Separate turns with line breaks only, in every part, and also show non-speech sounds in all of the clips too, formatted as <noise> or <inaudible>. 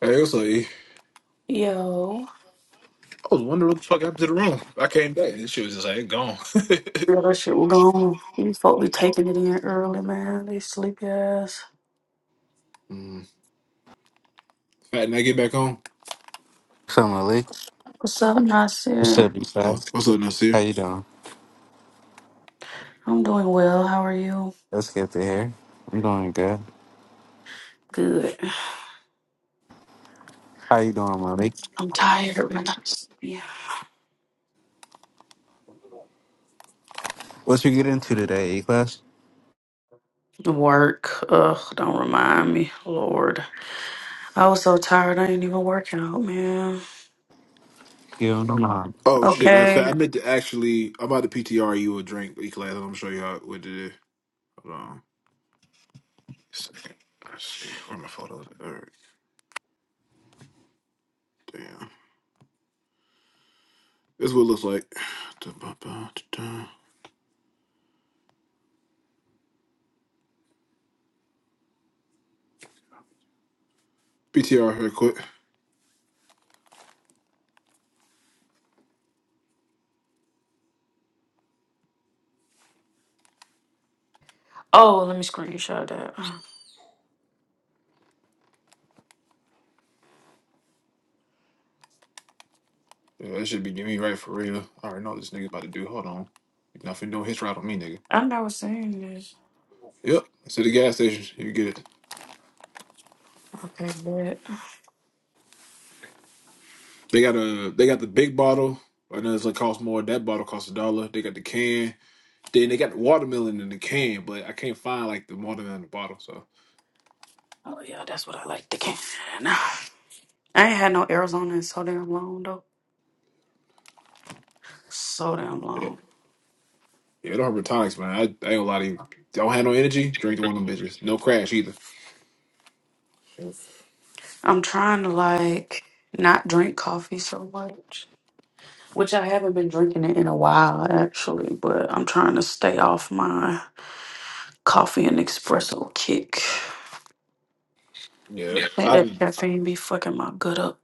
Hey, what's up, E? I
Yo,
was wondering what the fuck happened to the room. I came back. This shit was just like gone.
yeah,
<laughs>
that shit was gone. These folk be taking it in early, man. They sleepy ass.
mm. Fat and I get back on.
Assalamu alaikum.
What's up,
What's up,
Nasir?
you
Oh,
guys?
what's up,
How
Nasir?
you doing?
I'm doing well. How are you?
Let's get to here. You doing good?
Good.
How you doing, Malik?
I'm tired, but I'm sleepy.
What you get into today, A class?
Work. Ugh, don't remind me, Lord. I was so tired. I ain't even working out, man.
You don't know.
Oh shit, man. Fat,
Okay.
I meant to actually. I'm about to PTR you a drink, E class. I'm gonna show you how what to do. Hold on. Second. Let's see. Where my photos? at? All right. Damn. This is what it looks like. Da-ba-ba-da-da. PTR here quick.
Oh, let me screenshot that.
Yeah, that should be getting me right for real. I already know what this nigga about to do. Hold on. Nothing doing his right on me, nigga.
I've never seen this.
Yep. It's at the gas station. You get it.
Okay, but
They got a they got the big bottle. I know it's gonna cost more. That bottle costs a dollar. They got the can. Then they got the watermelon in the can, but I can't find like the watermelon in the bottle. So
oh yeah, that's what I like to can. I ain't had no Arizona in so damn long though. So damn
yeah,
long.
yeah, don't have tonics, man. I, I ain't gonna lie to you. Don't have no energy. Drink one of them bitches. No crash either.
I'm trying to like not drink coffee so much, which I haven't been drinking it in a while actually, but I'm trying to stay off my coffee and espresso kick.
Yeah,
Yeah. think
I
that
did.
caffeine be fucking my gut up.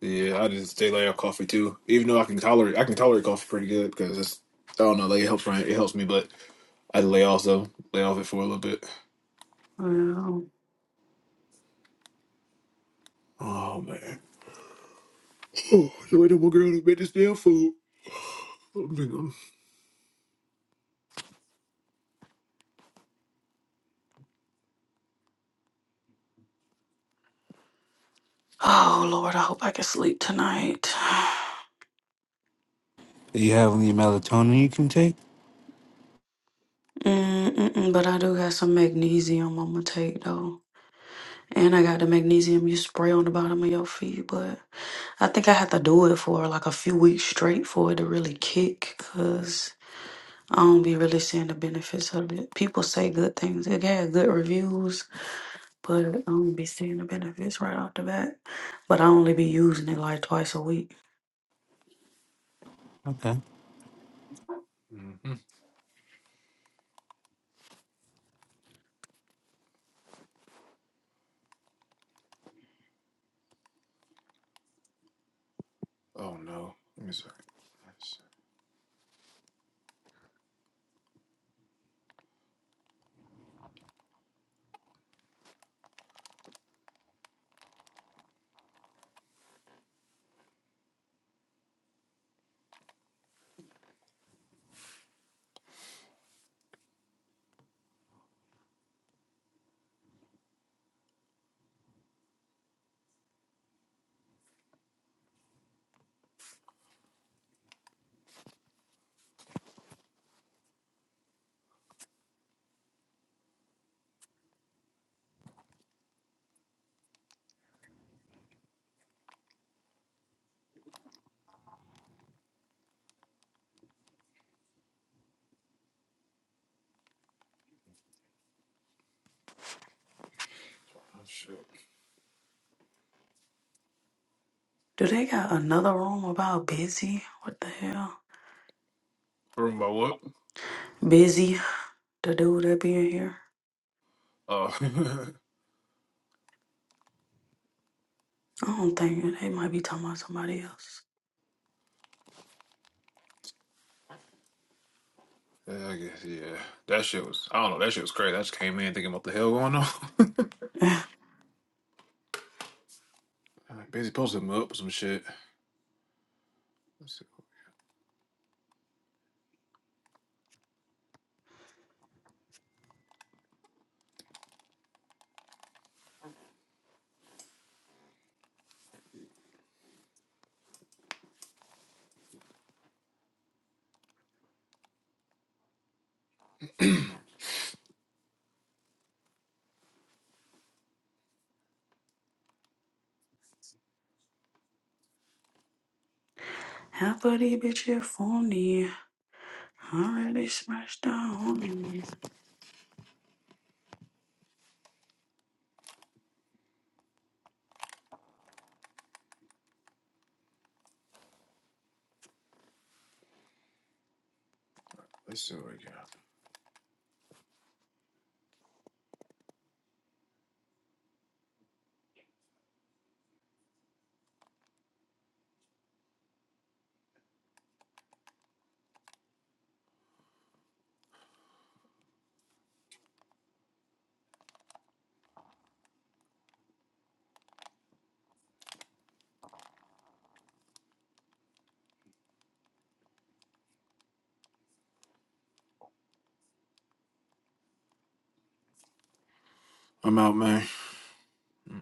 Yeah, I just stay lay off coffee too. Even though I can tolerate, I can tolerate coffee pretty good because it's I don't know, like it helps. me. It helps me, but I lay also lay off it for a little bit.
Yeah.
Oh man. Oh, you ain't no more girl to make this damn food. I'm
Oh Lord, I hope I can sleep tonight. <sighs>
Do you have any melatonin you can take?
Mm-mm-mm, but I do got some magnesium I'm gonna take though. And I got the magnesium you spray on the bottom of your feet, but I think I have to do it for like a few weeks straight for it to really kick. cause I don't be really seeing the benefits of it. People say good things. It had good reviews, but I don't be seeing the benefits right off the bat. But I only be using it like twice a week.
Okay.
Oh no. Let me see. Let's see. Oh,
Do they got another room about busy? What the hell?
Room by what?
Busy, the dude that be in here.
Oh. <laughs>
I don't think they might be talking about somebody else.
yeah, I guess, yeah. That shit was, I don't know, that shit was crazy. I just came in thinking what the hell going on.
<laughs>
<laughs> Busy posting me up with some shit. Let's see,
<sighs> Half of these bitches phony. Already smashed down.
let's see what we got. I'm out, man. Mm-mm.